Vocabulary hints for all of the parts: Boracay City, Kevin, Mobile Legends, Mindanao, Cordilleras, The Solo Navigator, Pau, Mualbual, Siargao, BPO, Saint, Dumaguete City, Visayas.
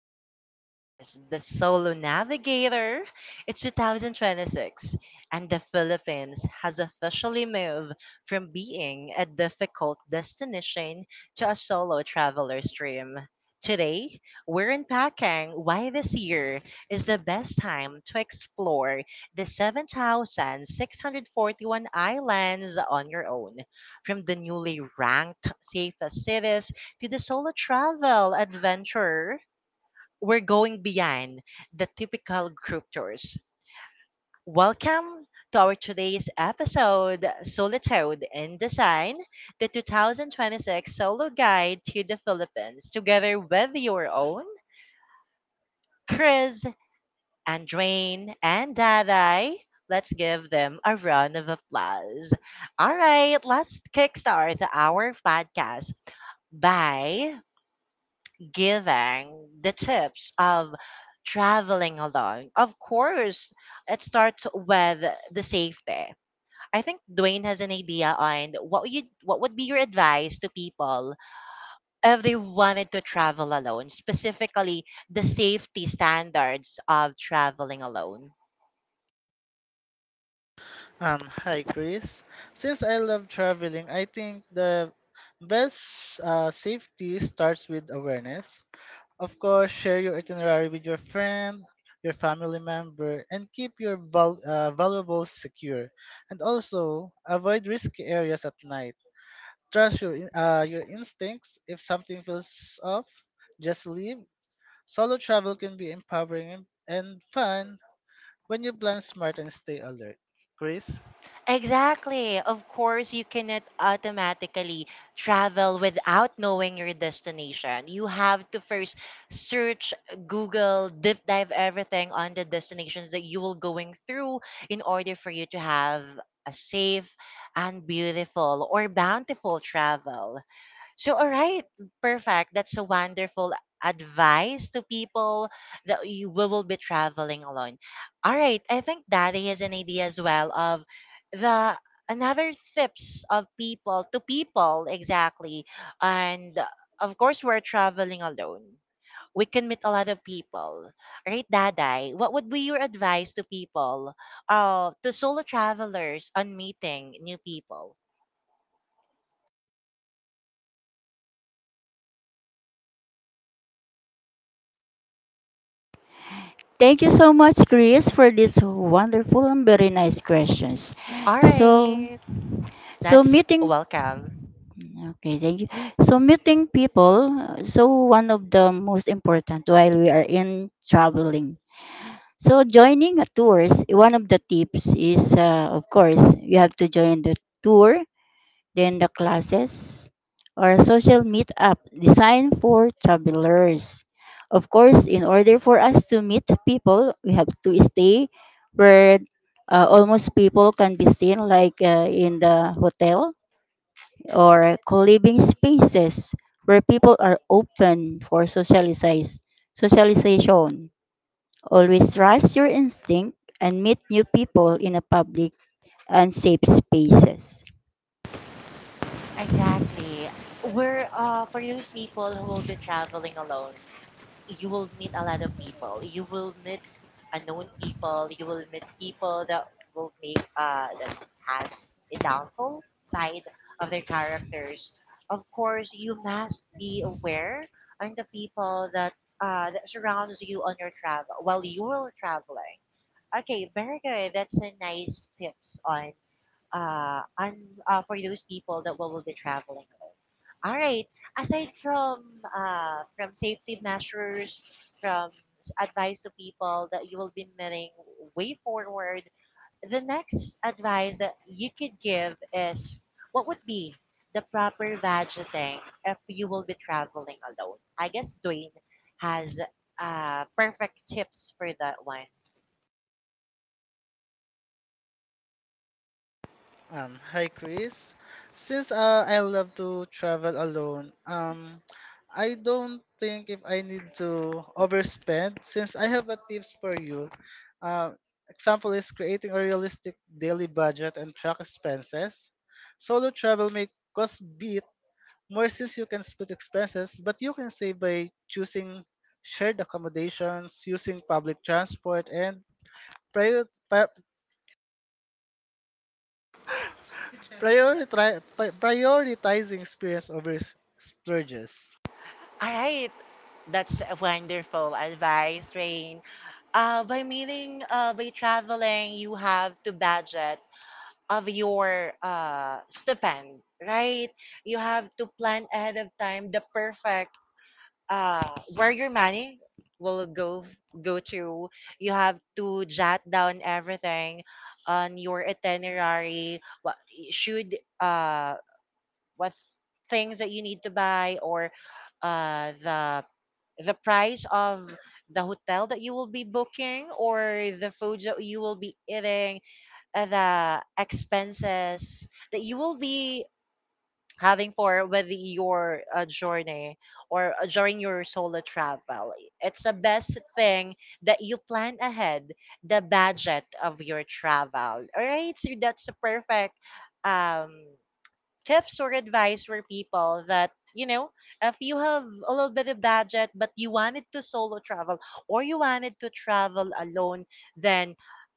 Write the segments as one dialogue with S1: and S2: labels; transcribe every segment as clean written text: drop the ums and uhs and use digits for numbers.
S1: adventurer. This is the Solo Navigator. It's 2026, and the Philippines has officially moved from being a difficult destination to a solo traveler's dream. Today, we're unpacking why this year is the best time to explore the 7,641 islands on your own, from the newly ranked safest cities to the solo travel adventure. We're going beyond the typical group tours. Welcome to our today's episode, Solitude in Design, the 2026 solo guide to the Philippines, together with your own Chris, Andrain, and Daday. Let's give them a round of applause. All right, let's kickstart our podcast by giving the tips of traveling alone. Of course, it starts with the safety. I think Dwayne has an idea on what would be your advice to people if they wanted to travel alone, specifically the safety standards of traveling alone.
S2: Hi Chris. Since I love traveling, I think the best safety starts with awareness. Of course, share your itinerary with your friend, your family member, and keep your valuables secure. And also, avoid risky areas at night. Trust your your instincts. If something feels off, just leave. Solo travel can be empowering and fun when you plan smart and stay alert. Chris.
S1: Exactly. Of course, you cannot automatically travel without knowing your destination. You have to first search, Google, deep dive everything on the destinations that you will going through in order for you to have a safe and beautiful or bountiful travel. So, all right, perfect. That's a wonderful advice to people that you we will be traveling alone. All right, I think Daddy has an idea as well of the another tips of people to people exactly, and of course we're traveling alone. We can meet a lot of people, right, Daday? What would be your advice to people, to solo travelers on meeting new people?
S3: Thank you so much, Chris, for these wonderful and very nice questions.
S1: All
S3: So,
S1: right,
S3: so
S1: that's
S3: meeting,
S1: welcome.
S3: okay, thank you. So meeting people, so one of the most important while we are in traveling. So joining a tours, one of the tips is, of course, you have to join the tour then the classes or a social meetup designed for travelers. Of course, in order for us to meet people, we have to stay where almost people can be seen, like in the hotel or co-living spaces where people are open for socialization. Always trust your instinct and meet new people in a public and safe spaces.
S1: Exactly. We're For those people who will be traveling alone, you will meet a lot of people. You will meet unknown people. You will meet people that will make that has a downfall side of their characters. Of course, you must be aware on the people that that surrounds you on your travel while you are traveling. Okay, very good. That's a nice tips on uh, un, for those people that will be traveling with. All right. Aside from safety measures, from advice to people that you will be meeting way forward, the next advice that you could give is what would be the proper budgeting if you will be traveling alone? I guess Dwayne has perfect tips for that one.
S2: Hi Chris. Since I love to travel alone, I don't think if I need to overspend since I have a tips for you. Uh, Example is creating a realistic daily budget and track expenses. Solo travel may cost bit more since you can split expenses, but you can save by choosing shared accommodations, using public transport, and prior- pri- Prioritize prioritizing experience over splurges.
S1: All right, that's a wonderful advice, Rain. By meaning, by traveling, you have to budget of your stipend, right? You have to plan ahead of time the perfect where your money will go to. You have to jot down everything on your itinerary. Should uh, what things that you need to buy or the price of the hotel that you will be booking or the foods that you will be eating, the expenses that you will be having for with your journey or during your solo travel. It's the best thing that you plan ahead the budget of your travel. All right, so that's a perfect um tips or advice for people that you know if you have a little bit of budget but you wanted to solo travel or you wanted to travel alone, then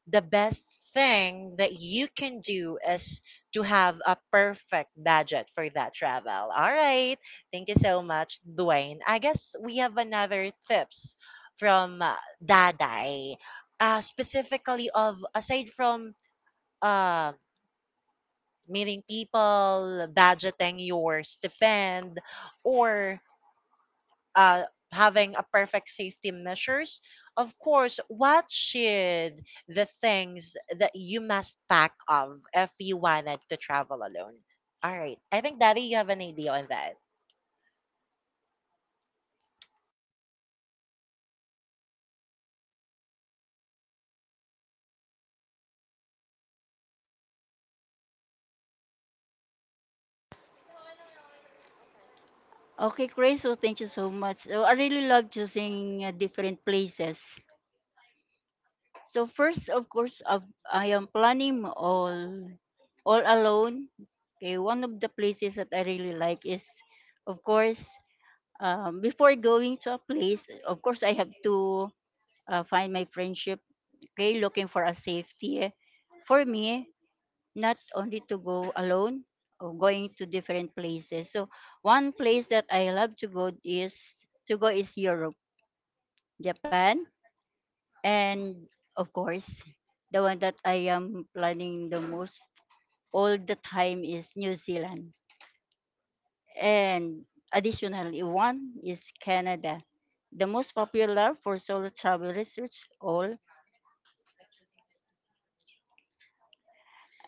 S1: the best thing that you can do is to have a perfect budget for that travel. All right, thank you so much, Dwayne. I guess we have another tips from Daday, specifically of aside from um meeting people, budgeting your stipend, or uh, having a perfect safety measures. Of course, what should the things that you must pack of if you wanted to travel alone? All right. I think Daddy, you have an idea on that.
S3: Okay, Chris. So thank you so much. So I really love choosing different places. So first, of course, I am planning all alone. Okay, one of the places that I really like is, of course, before going to a place, of course, I have to find my friendship. Okay, looking for a safety for me, not only to go alone or going to different places. So one place that I love to go is Europe, Japan, and of course, the one that I am planning the most all the time is New Zealand. And additionally, one is Canada, the most popular for solo travel research all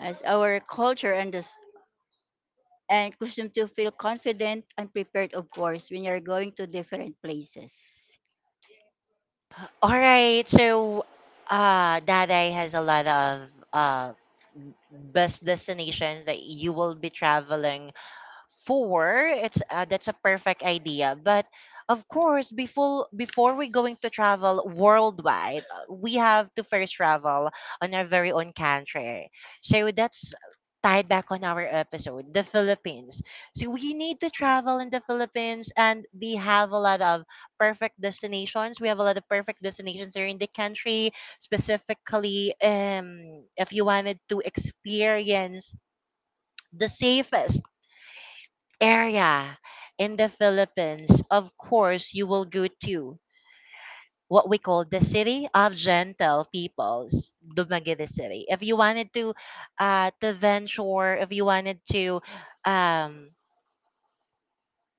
S3: as our culture and custom to feel confident and prepared of course when you're going to different places.
S1: All right. So, Daddy has a lot of uh best destinations that you will be traveling four. It's That's a perfect idea, but of course, before we going to travel worldwide, we have to first travel on our very own country. So that's tied back on our episode, the Philippines. So we need to travel in the Philippines, and we have a lot of perfect destinations. We have a lot of perfect destinations here in the country, specifically, if you wanted to experience the safest area in the Philippines, of course, you will go to what we call the city of gentle peoples, Dumaguete City. If you wanted to venture, if you wanted um,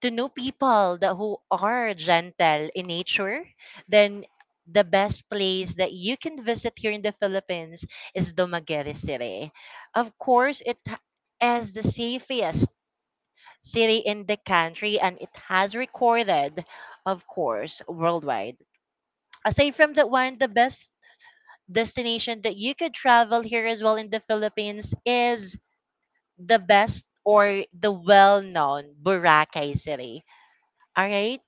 S1: to know people that who are gentle in nature, then the best place that you can visit here in the Philippines is Dumaguete City. Of course, is the safest city in the country, and it has recorded, of course, worldwide. Aside from that one, the best destination that you could travel here as well in the Philippines is the best or the well known Boracay City. All right?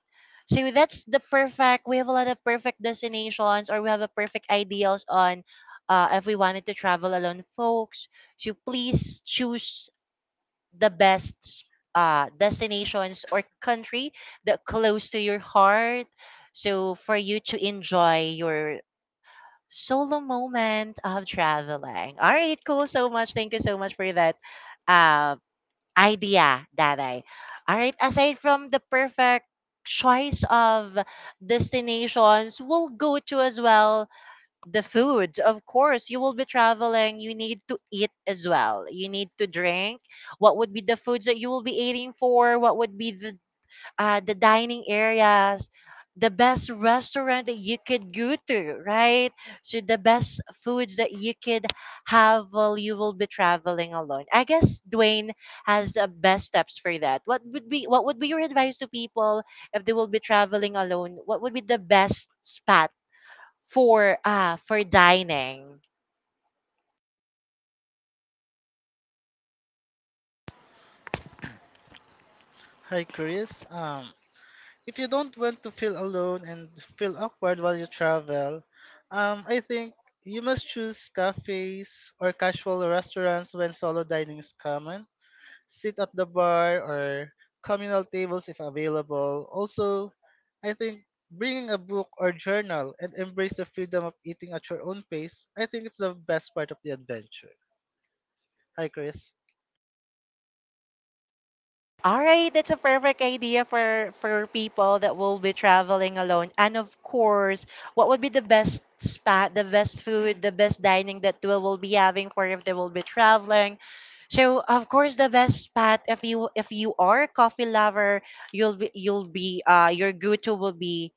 S1: So that's the perfect, we have a lot of perfect destinations or we have a perfect ideals on, if we wanted to travel alone, folks. So please choose the best destinations or country that close to your heart, so for you to enjoy your solo moment of traveling. All right, cool, so much, thank you so much for that uh, idea, Daday. All right, aside from the perfect choice of destinations, we'll go to as well the food. Of course, you will be traveling, you need to eat as well, you need to drink. What would be the foods that you will be eating for, what would be the dining areas, the best restaurant that you could go to, right? So the best foods that you could have while you will be traveling alone, I guess Dwayne has best steps for that. What would be your advice to people if they will be traveling alone? What would be the best spot for dining.
S2: Hi, Chris. If you don't want to feel alone and feel awkward while you travel, I think you must choose cafes or casual restaurants when solo dining is common. Sit at the bar or communal tables if available. Also, I think bringing a book or journal and embrace the freedom of eating at your own pace. I think it's the best part of the adventure. Hi, Chris.
S1: All right, that's a perfect idea for people that will be traveling alone. And of course, what would be the best spot, the best food, the best dining that we will be having for if they will be traveling? So of course the best spot, if you are a coffee lover, you'll be your go-to will be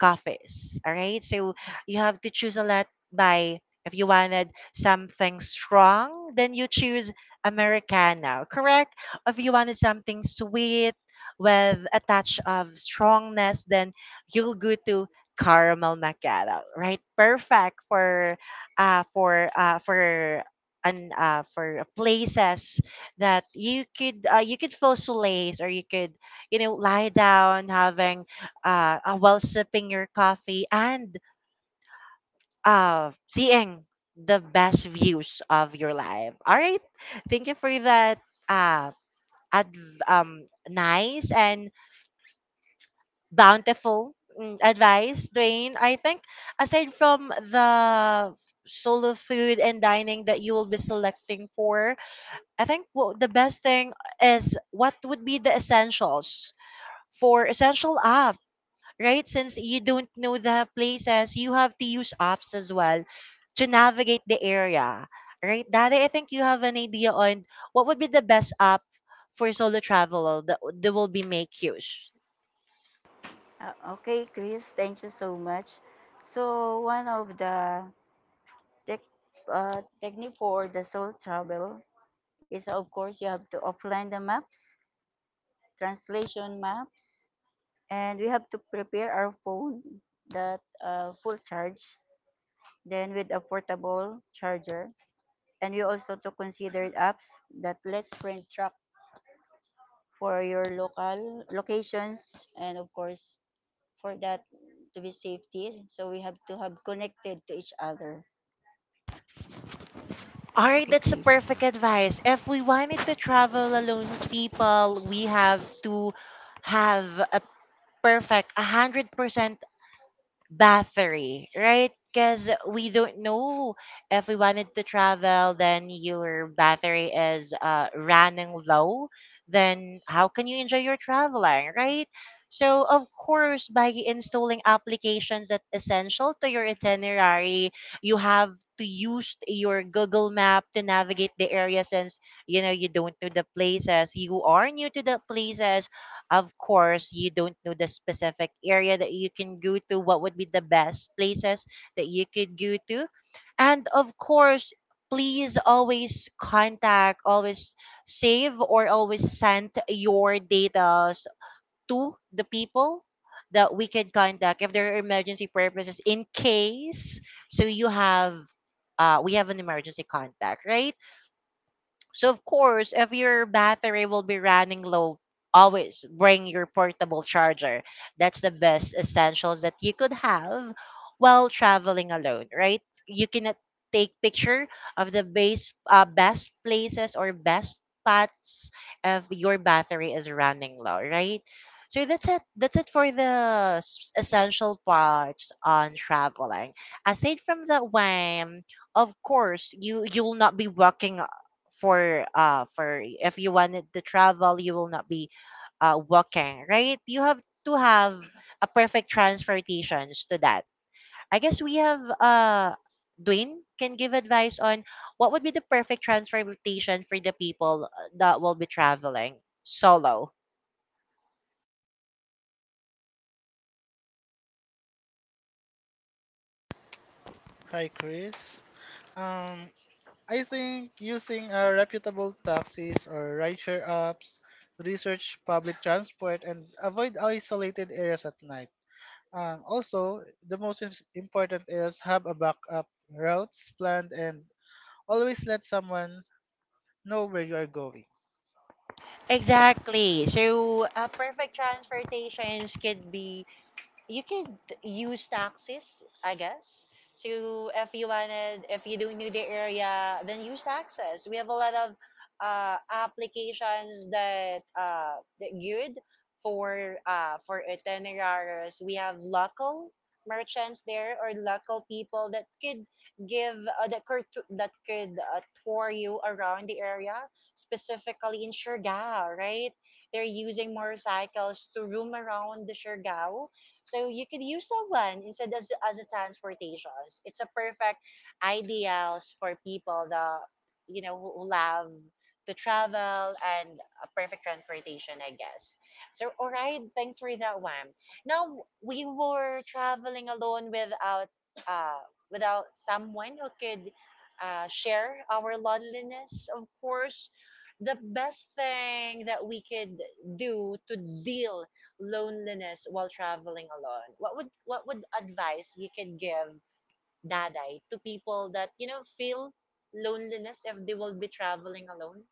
S1: coffees. All right. So you have to choose a lot by if you wanted something strong, then you choose Americano, correct? If you wanted something sweet with a touch of strongness, then you'll go to caramel macchiato, right? Perfect for and for places that you could feel solace, or you could, you know, lie down having while sipping your coffee and seeing the best views of your life. All right, thank you for that uh nice and bountiful, advice, Dwayne. I think aside from the solo food and dining that you will be selecting for, I think well, the best thing is what would be the essentials for essential app, right? Since you don't know the places, you have to use apps as well to navigate the area, right? Daddy, I think you have an idea on what would be the best app for solo travel that will be make use.
S3: Okay, Chris, thank you so much. So one of the tech technique for the soul travel is of course you have to offline the maps, translation maps, and we have to prepare our phone that full charge, then with a portable charger, and we also to consider apps that lets print track for your local locations, and of course for that to be safety, so we have to have connected to each other.
S1: All right, that's a perfect advice. If we wanted to travel alone, with people, we have to have a perfect 100% battery, right? Because we don't know if we wanted to travel, then your battery is running low, then how can you enjoy your traveling, right? So, of course, by installing applications that essential to your itinerary, you have to use your Google Map to navigate the area since, you know, you don't know the places. You are new to the places. Of course, you don't know the specific area that you can go to, what would be the best places that you could go to. And of course, please always contact, always save, or always send your data to the people that we can contact if there are emergency purposes in case. So you have, we have an emergency contact, right? So of course, if your battery will be running low, always bring your portable charger. That's the best essentials that you could have while traveling alone, right? You cannot take picture of the base best places or best spots if your battery is running low, right? So that's it. That's it for the essential parts on traveling. Aside from that one, of course, you will not be walking for if you wanted to travel, you will not be walking, right? You have to have a perfect transportations to that. I guess we have Dwayne can give advice on what would be the perfect transportation for the people that will be traveling solo.
S2: Hi, Chris. Um, I think using reputable taxis or rideshare apps, research public transport, and avoid isolated areas at night. Also, the most important is have a backup routes planned and always let someone know where you are going.
S1: Exactly. So, perfect transportations could be you could use taxis, I guess. So if you wanted, if you don't know the area, then use taxis. We have a lot of applications that good for for itineraries. We have local merchants there or local people that could give that could that could tour you around the area, specifically in Siargao, right? They're using motorcycles to roam around the Siargao, so you could use that one instead as, a transportation. It's a perfect ideals for people that, who love to travel, and a perfect transportation, I guess. So, all right, thanks for that one. Now, we were traveling alone without, uh, without someone who could share our loneliness. Of course, the best thing that we could do to deal loneliness while traveling alone, what would advice you can give, Daday, to people that, feel loneliness if they will be traveling alone?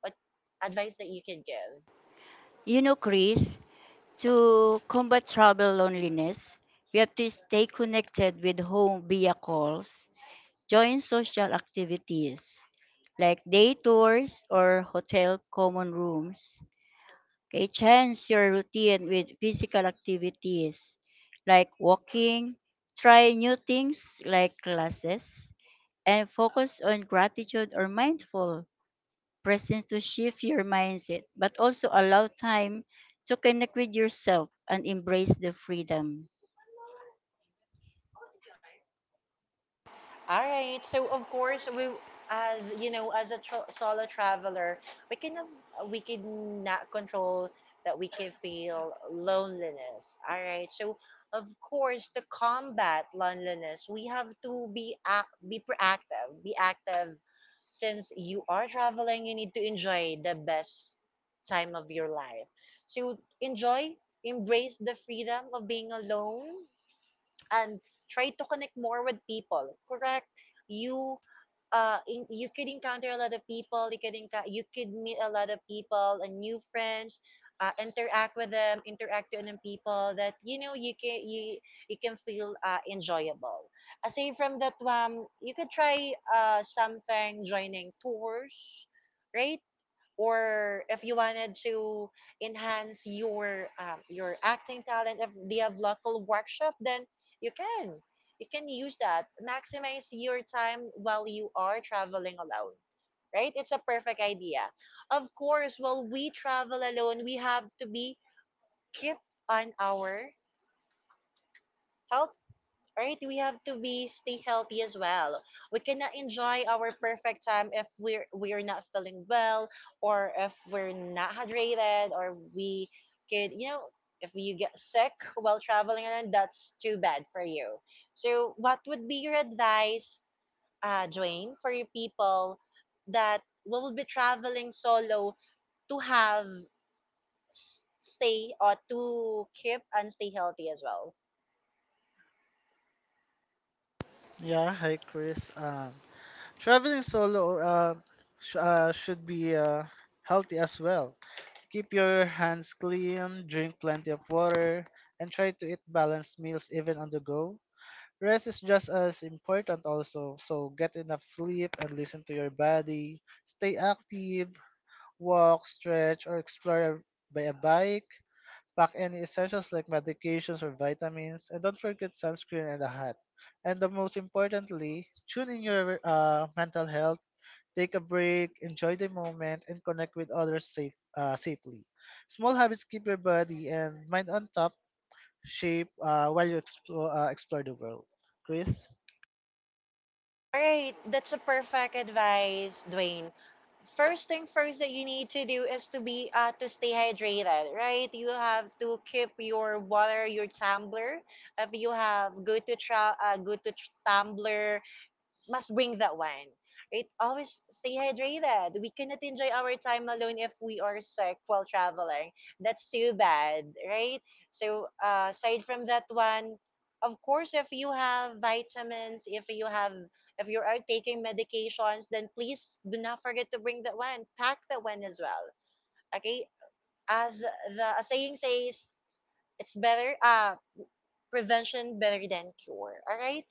S1: What advice that you can give?
S3: You know, Chris, to combat travel loneliness, we have to stay connected with home via calls, join social activities like day tours or hotel common rooms. Okay, change your routine with physical activities like walking, try new things like classes, and focus on gratitude or mindful presence to shift your mindset, but also allow time to connect with yourself and embrace the freedom.
S1: All right, so of course we, as you know, as a solo traveler, we cannot we cannot control that we can feel loneliness. All right, so of course, to combat loneliness, we have to be be proactive, be active. Since you are traveling, you need to enjoy the best time of your life. So enjoy, embrace the freedom of being alone, and try to connect more with people. Correct? You you could encounter a lot of people, you could encounter, you could meet a lot of people and new friends. Interact with them, people that, you can feel enjoyable. Aside from that one, you could try something, joining tours, right? Or if you wanted to enhance your acting talent, if they have local workshop, then you can, you can use that, maximize your time while you are traveling alone. Right, it's a perfect idea. Of course, while we travel alone, we have to be keep on our health, right? We have to be stay healthy as well. We cannot enjoy our perfect time if we are not feeling well, or if we're not hydrated, or we could, you know, if you get sick while traveling around, that's too bad for you. So what would be your advice, Dwayne, for your people that will be traveling solo to have stay, or to keep and stay healthy as well?
S2: Yeah, hi Chris. Traveling solo should be healthy as well. Keep your hands clean, drink plenty of water, and try to eat balanced meals even on the go. Rest is just as important also, so get enough sleep and listen to your body. Stay active, walk, stretch, or explore by a bike. Pack any essentials like medications or vitamins, and don't forget sunscreen and a hat. And the most importantly, tune in your mental health. Take a break, enjoy the moment, and connect with others safely. Small habits keep your body and mind on top shape while you explore the world. Chris?
S1: All right, that's a perfect advice, Dwayne. First thing first that you need to do is to be to stay hydrated, right? You have to keep your water, your tumbler. If you have good to good to tumbler, must bring that one. Right? Always stay hydrated. We cannot enjoy our time alone if we are sick while traveling. That's too bad, right? So, aside from that one, of course, if you have vitamins, if you are taking medications, then please do not forget to bring that one. Pack that one as well. Okay? As the a saying says, it's better, prevention better than cure. All right?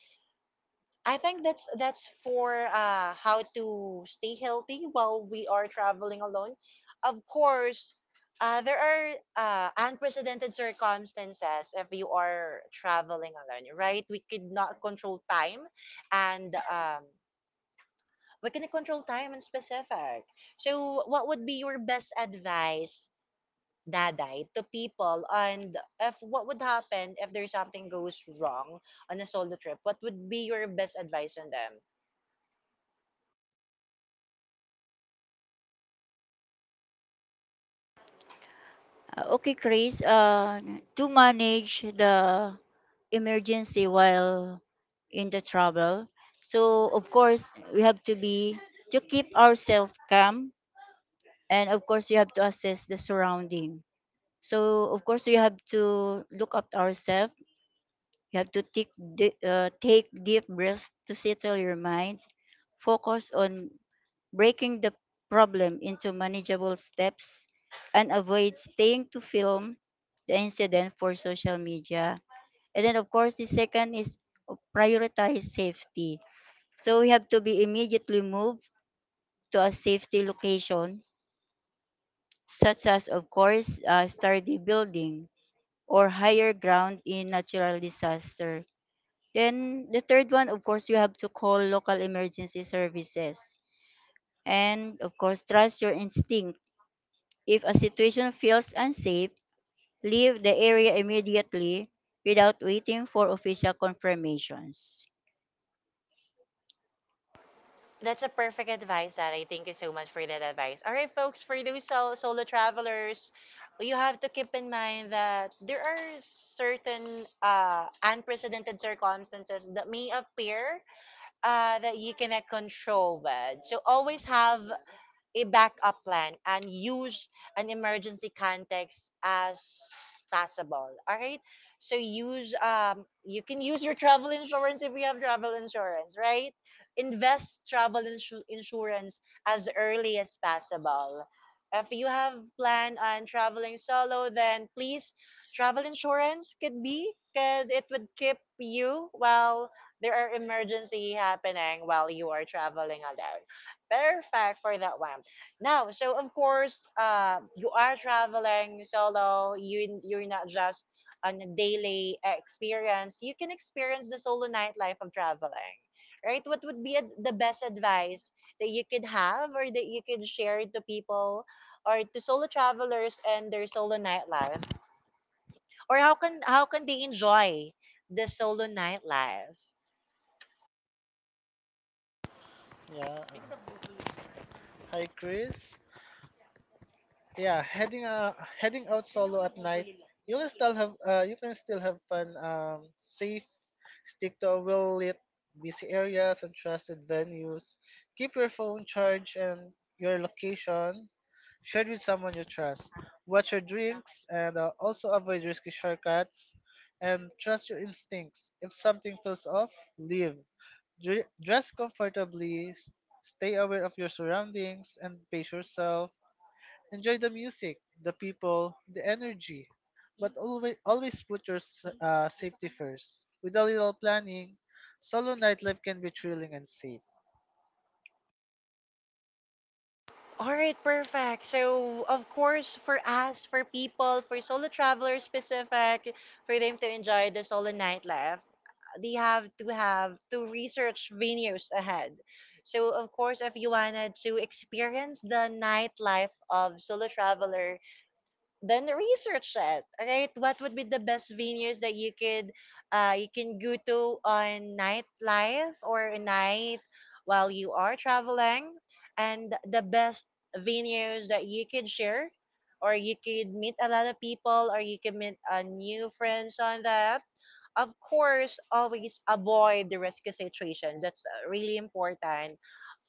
S1: I think that's for how to stay healthy while we are traveling alone. Of course, there are unprecedented circumstances if you are traveling alone, right? We could not control time, and we can control time in specific. So what would be your best advice, Daday, to people? And if what would happen if there's something goes wrong on a solo trip, what would be your best advice on them?
S3: Okay, Chris, to manage the emergency while in the trouble, so of course we have to be to keep ourselves calm, and of course you have to assess the surrounding, so of course you have to look up ourselves. You have to take deep breaths to settle your mind, focus on breaking the problem into manageable steps, and avoid staying to film the incident for social media. And then of course the second is prioritize safety, so we have to be immediately moved to a safety location, such as of course a sturdy building or higher ground in natural disaster. Then the third one, of course, you have to call local emergency services. And of course, trust your instinct. If a situation feels unsafe, leave the area immediately without waiting for official confirmations.
S1: That's a perfect advice, Sally. Thank you so much for that advice. All right, folks, for those solo travelers, you have to keep in mind that there are certain unprecedented circumstances that may appear, that you cannot control. But so always have a backup plan and use an emergency context as possible. All right. So use you can use your travel insurance if you have travel insurance, right? Invest travel insurance as early as possible. If you have plan on traveling solo, then please, travel insurance could be, because it would keep you while there are emergency happening while you are traveling alone. Perfect for that one. Now, so of course, you are traveling solo. You're not just on a daily experience. You can experience the solo nightlife of traveling, right? What would be the best advice that you could have, or that you could share to people, or to solo travelers and their solo nightlife, or how can they enjoy the solo nightlife?
S2: Yeah. Hi, Chris. Yeah, heading heading out solo at night, you can still have fun. Safe. Stick to a well lit, busy areas and trusted venues. Keep your phone charged and your location share it with someone you trust. Watch your drinks and also avoid risky shortcuts. And trust your instincts. If something feels off, leave. Dress comfortably, stay aware of your surroundings, and pace yourself. Enjoy the music, the people, the energy. But always, always put your safety first. With a little planning, solo nightlife can be thrilling and safe.
S1: All right, perfect. So, of course, for us, for people, for solo travelers specific, for them to enjoy the solo nightlife, they have to research venues ahead. So, of course, if you wanted to experience the nightlife of solo traveler, then research it, right? What would be the best venues that you could you can go to on nightlife or a night while you are traveling, and the best venues that you could share, or you could meet a lot of people, or you could meet new friends on that. Of course, always avoid the risky situations. That's really important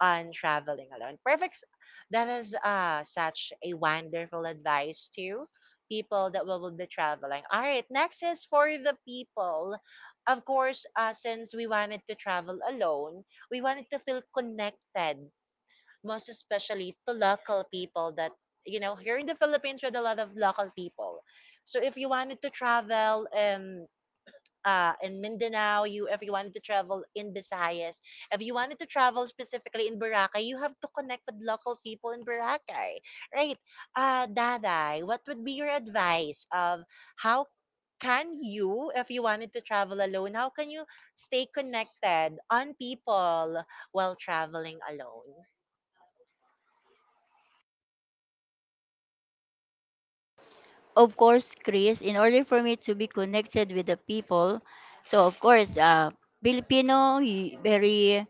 S1: on traveling alone. Perfect. That is such a wonderful advice to people that will be traveling. All right, next is for the people. Of course, since we wanted to travel alone, we wanted to feel connected, most especially to local people that, you know, here in the Philippines, with a lot of local people. So if you wanted to travel in Mindanao, you, if you wanted to travel in Visayas, if you wanted to travel specifically in Boracay, you have to connect with local people in Boracay, right? Daday, what would be your advice of how can you, if you wanted to travel alone, how can you stay connected on people while traveling alone?
S3: Of course, Chris, in order for me to be connected with the people, so of course, Filipino very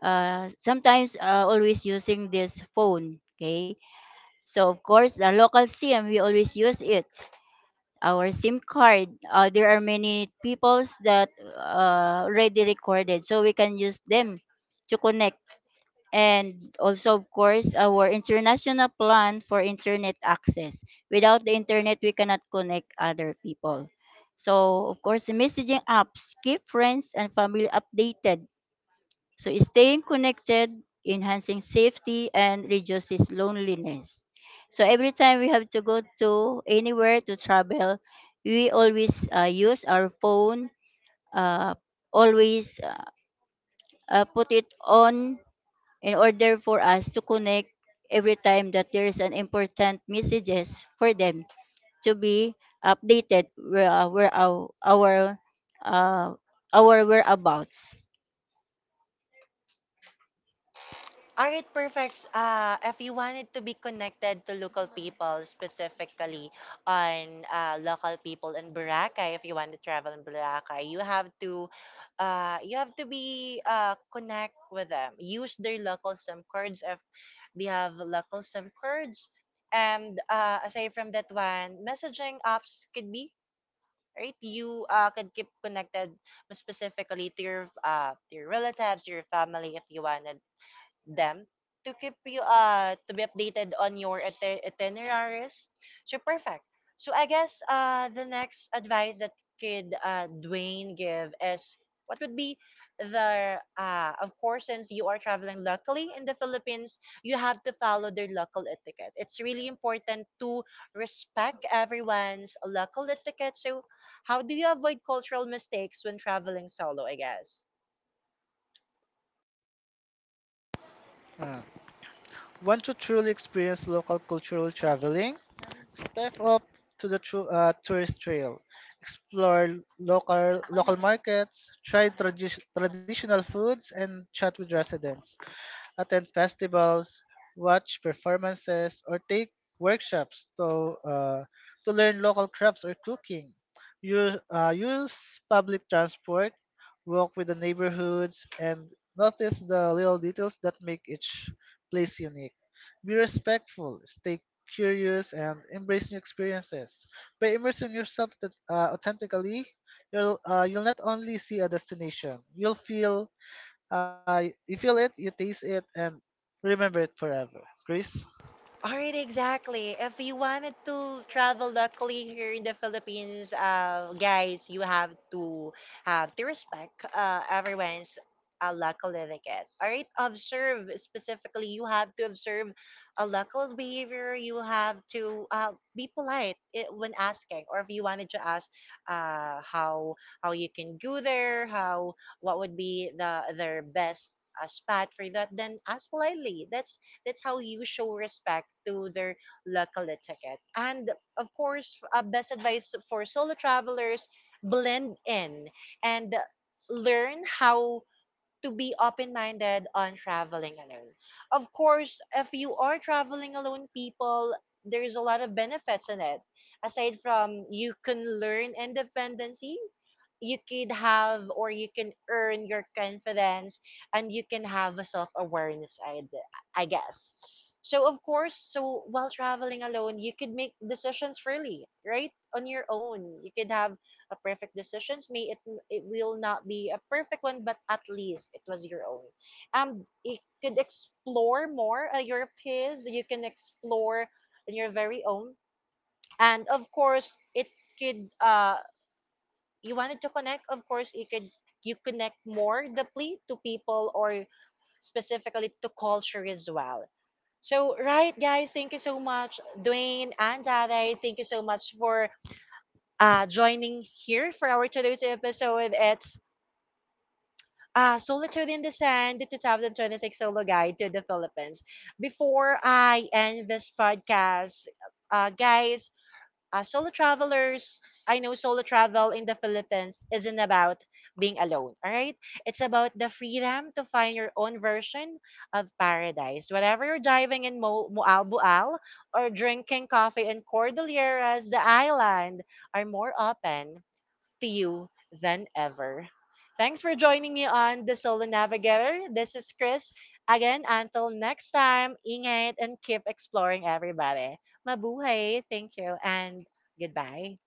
S3: sometimes always using this phone, okay? So of course, the local SIM we always use it. Our SIM card. There are many peoples that already recorded, so we can use them to connect. And also, of course, our international plan for internet access. Without the internet, we cannot connect other people. So, of course, the messaging apps keep friends and family updated, so staying connected, enhancing safety, and reduces loneliness. So every time we have to go to anywhere to travel, we always use our phone, uh, always put it on in order for us to connect every time that there is an important messages for them to be updated where uh, our whereabouts.
S1: All right, perfect. If you wanted to be connected to local people, specifically on local people in Boracay, if you want to travel in Boracay, you have to be connect with them. Use their local SIM cards if they have local SIM cards, and aside from that one, messaging apps could be right. You could keep connected specifically to your relatives, your family, if you wanted them to keep you to be updated on your itineraries. So perfect. So I guess the next advice that could Dwayne give is what would be the of course, since you are traveling locally in the Philippines, you have to follow their local etiquette. It's really important to respect everyone's local etiquette. So how do you avoid cultural mistakes when traveling solo, I guess?
S2: Uh, Want to truly experience local cultural traveling? Step up to the tourist trail. Explore local markets, try traditional foods, and chat with residents attend festivals, watch performances, or take workshops to learn local crafts or cooking. Use public transport, walk with the neighborhoods, and notice the little details that make each place unique. Be respectful, stay curious, and embrace new experiences. By immersing yourself authentically, you'll not only see a destination, you'll feel you feel it, you taste it, and remember it forever. Chris?
S1: All right, exactly. If you wanted to travel locally here in the Philippines, guys, you have to respect everyone's local etiquette. All right, observe specifically. You have to observe a local behavior. You have to be polite when asking, or if you wanted to ask how you can go there, how, what would be the their best spot for that, then ask politely. That's how you show respect to their local etiquette. And of course, best advice for solo travelers, blend in and learn how to be open minded on traveling alone. Of course, if you are traveling alone, people, there's a lot of benefits in it. Aside from, you can learn independency, you could have, or you can earn your confidence, and you can have a self-awareness, I guess. So of course, so while traveling alone, you could make decisions freely, right, on your own. You could have a perfect decisions, may it, it will not be a perfect one, but at least it was your own. You could explore more your peers, you can explore on your very own. And of course, it could you wanted to connect, of course, you could, you connect more deeply to people, or specifically to culture as well. So, right, guys, thank you so much, Dwayne and Jade. Thank you so much for joining here for our today's episode. It's Solitude in the Sand, the 2026 Solo Guide to the Philippines. Before I end this podcast, guys, solo travelers, I know solo travel in the Philippines isn't about being alone, all right? It's about the freedom to find your own version of paradise. Whether you're diving in Mualbual, or drinking coffee in Cordilleras, the island are more open to you than ever. Thanks for joining me on The Solo Navigator. This is Chris. Again, until next time, ingay and keep exploring everybody. Mabuhay. Thank you and goodbye.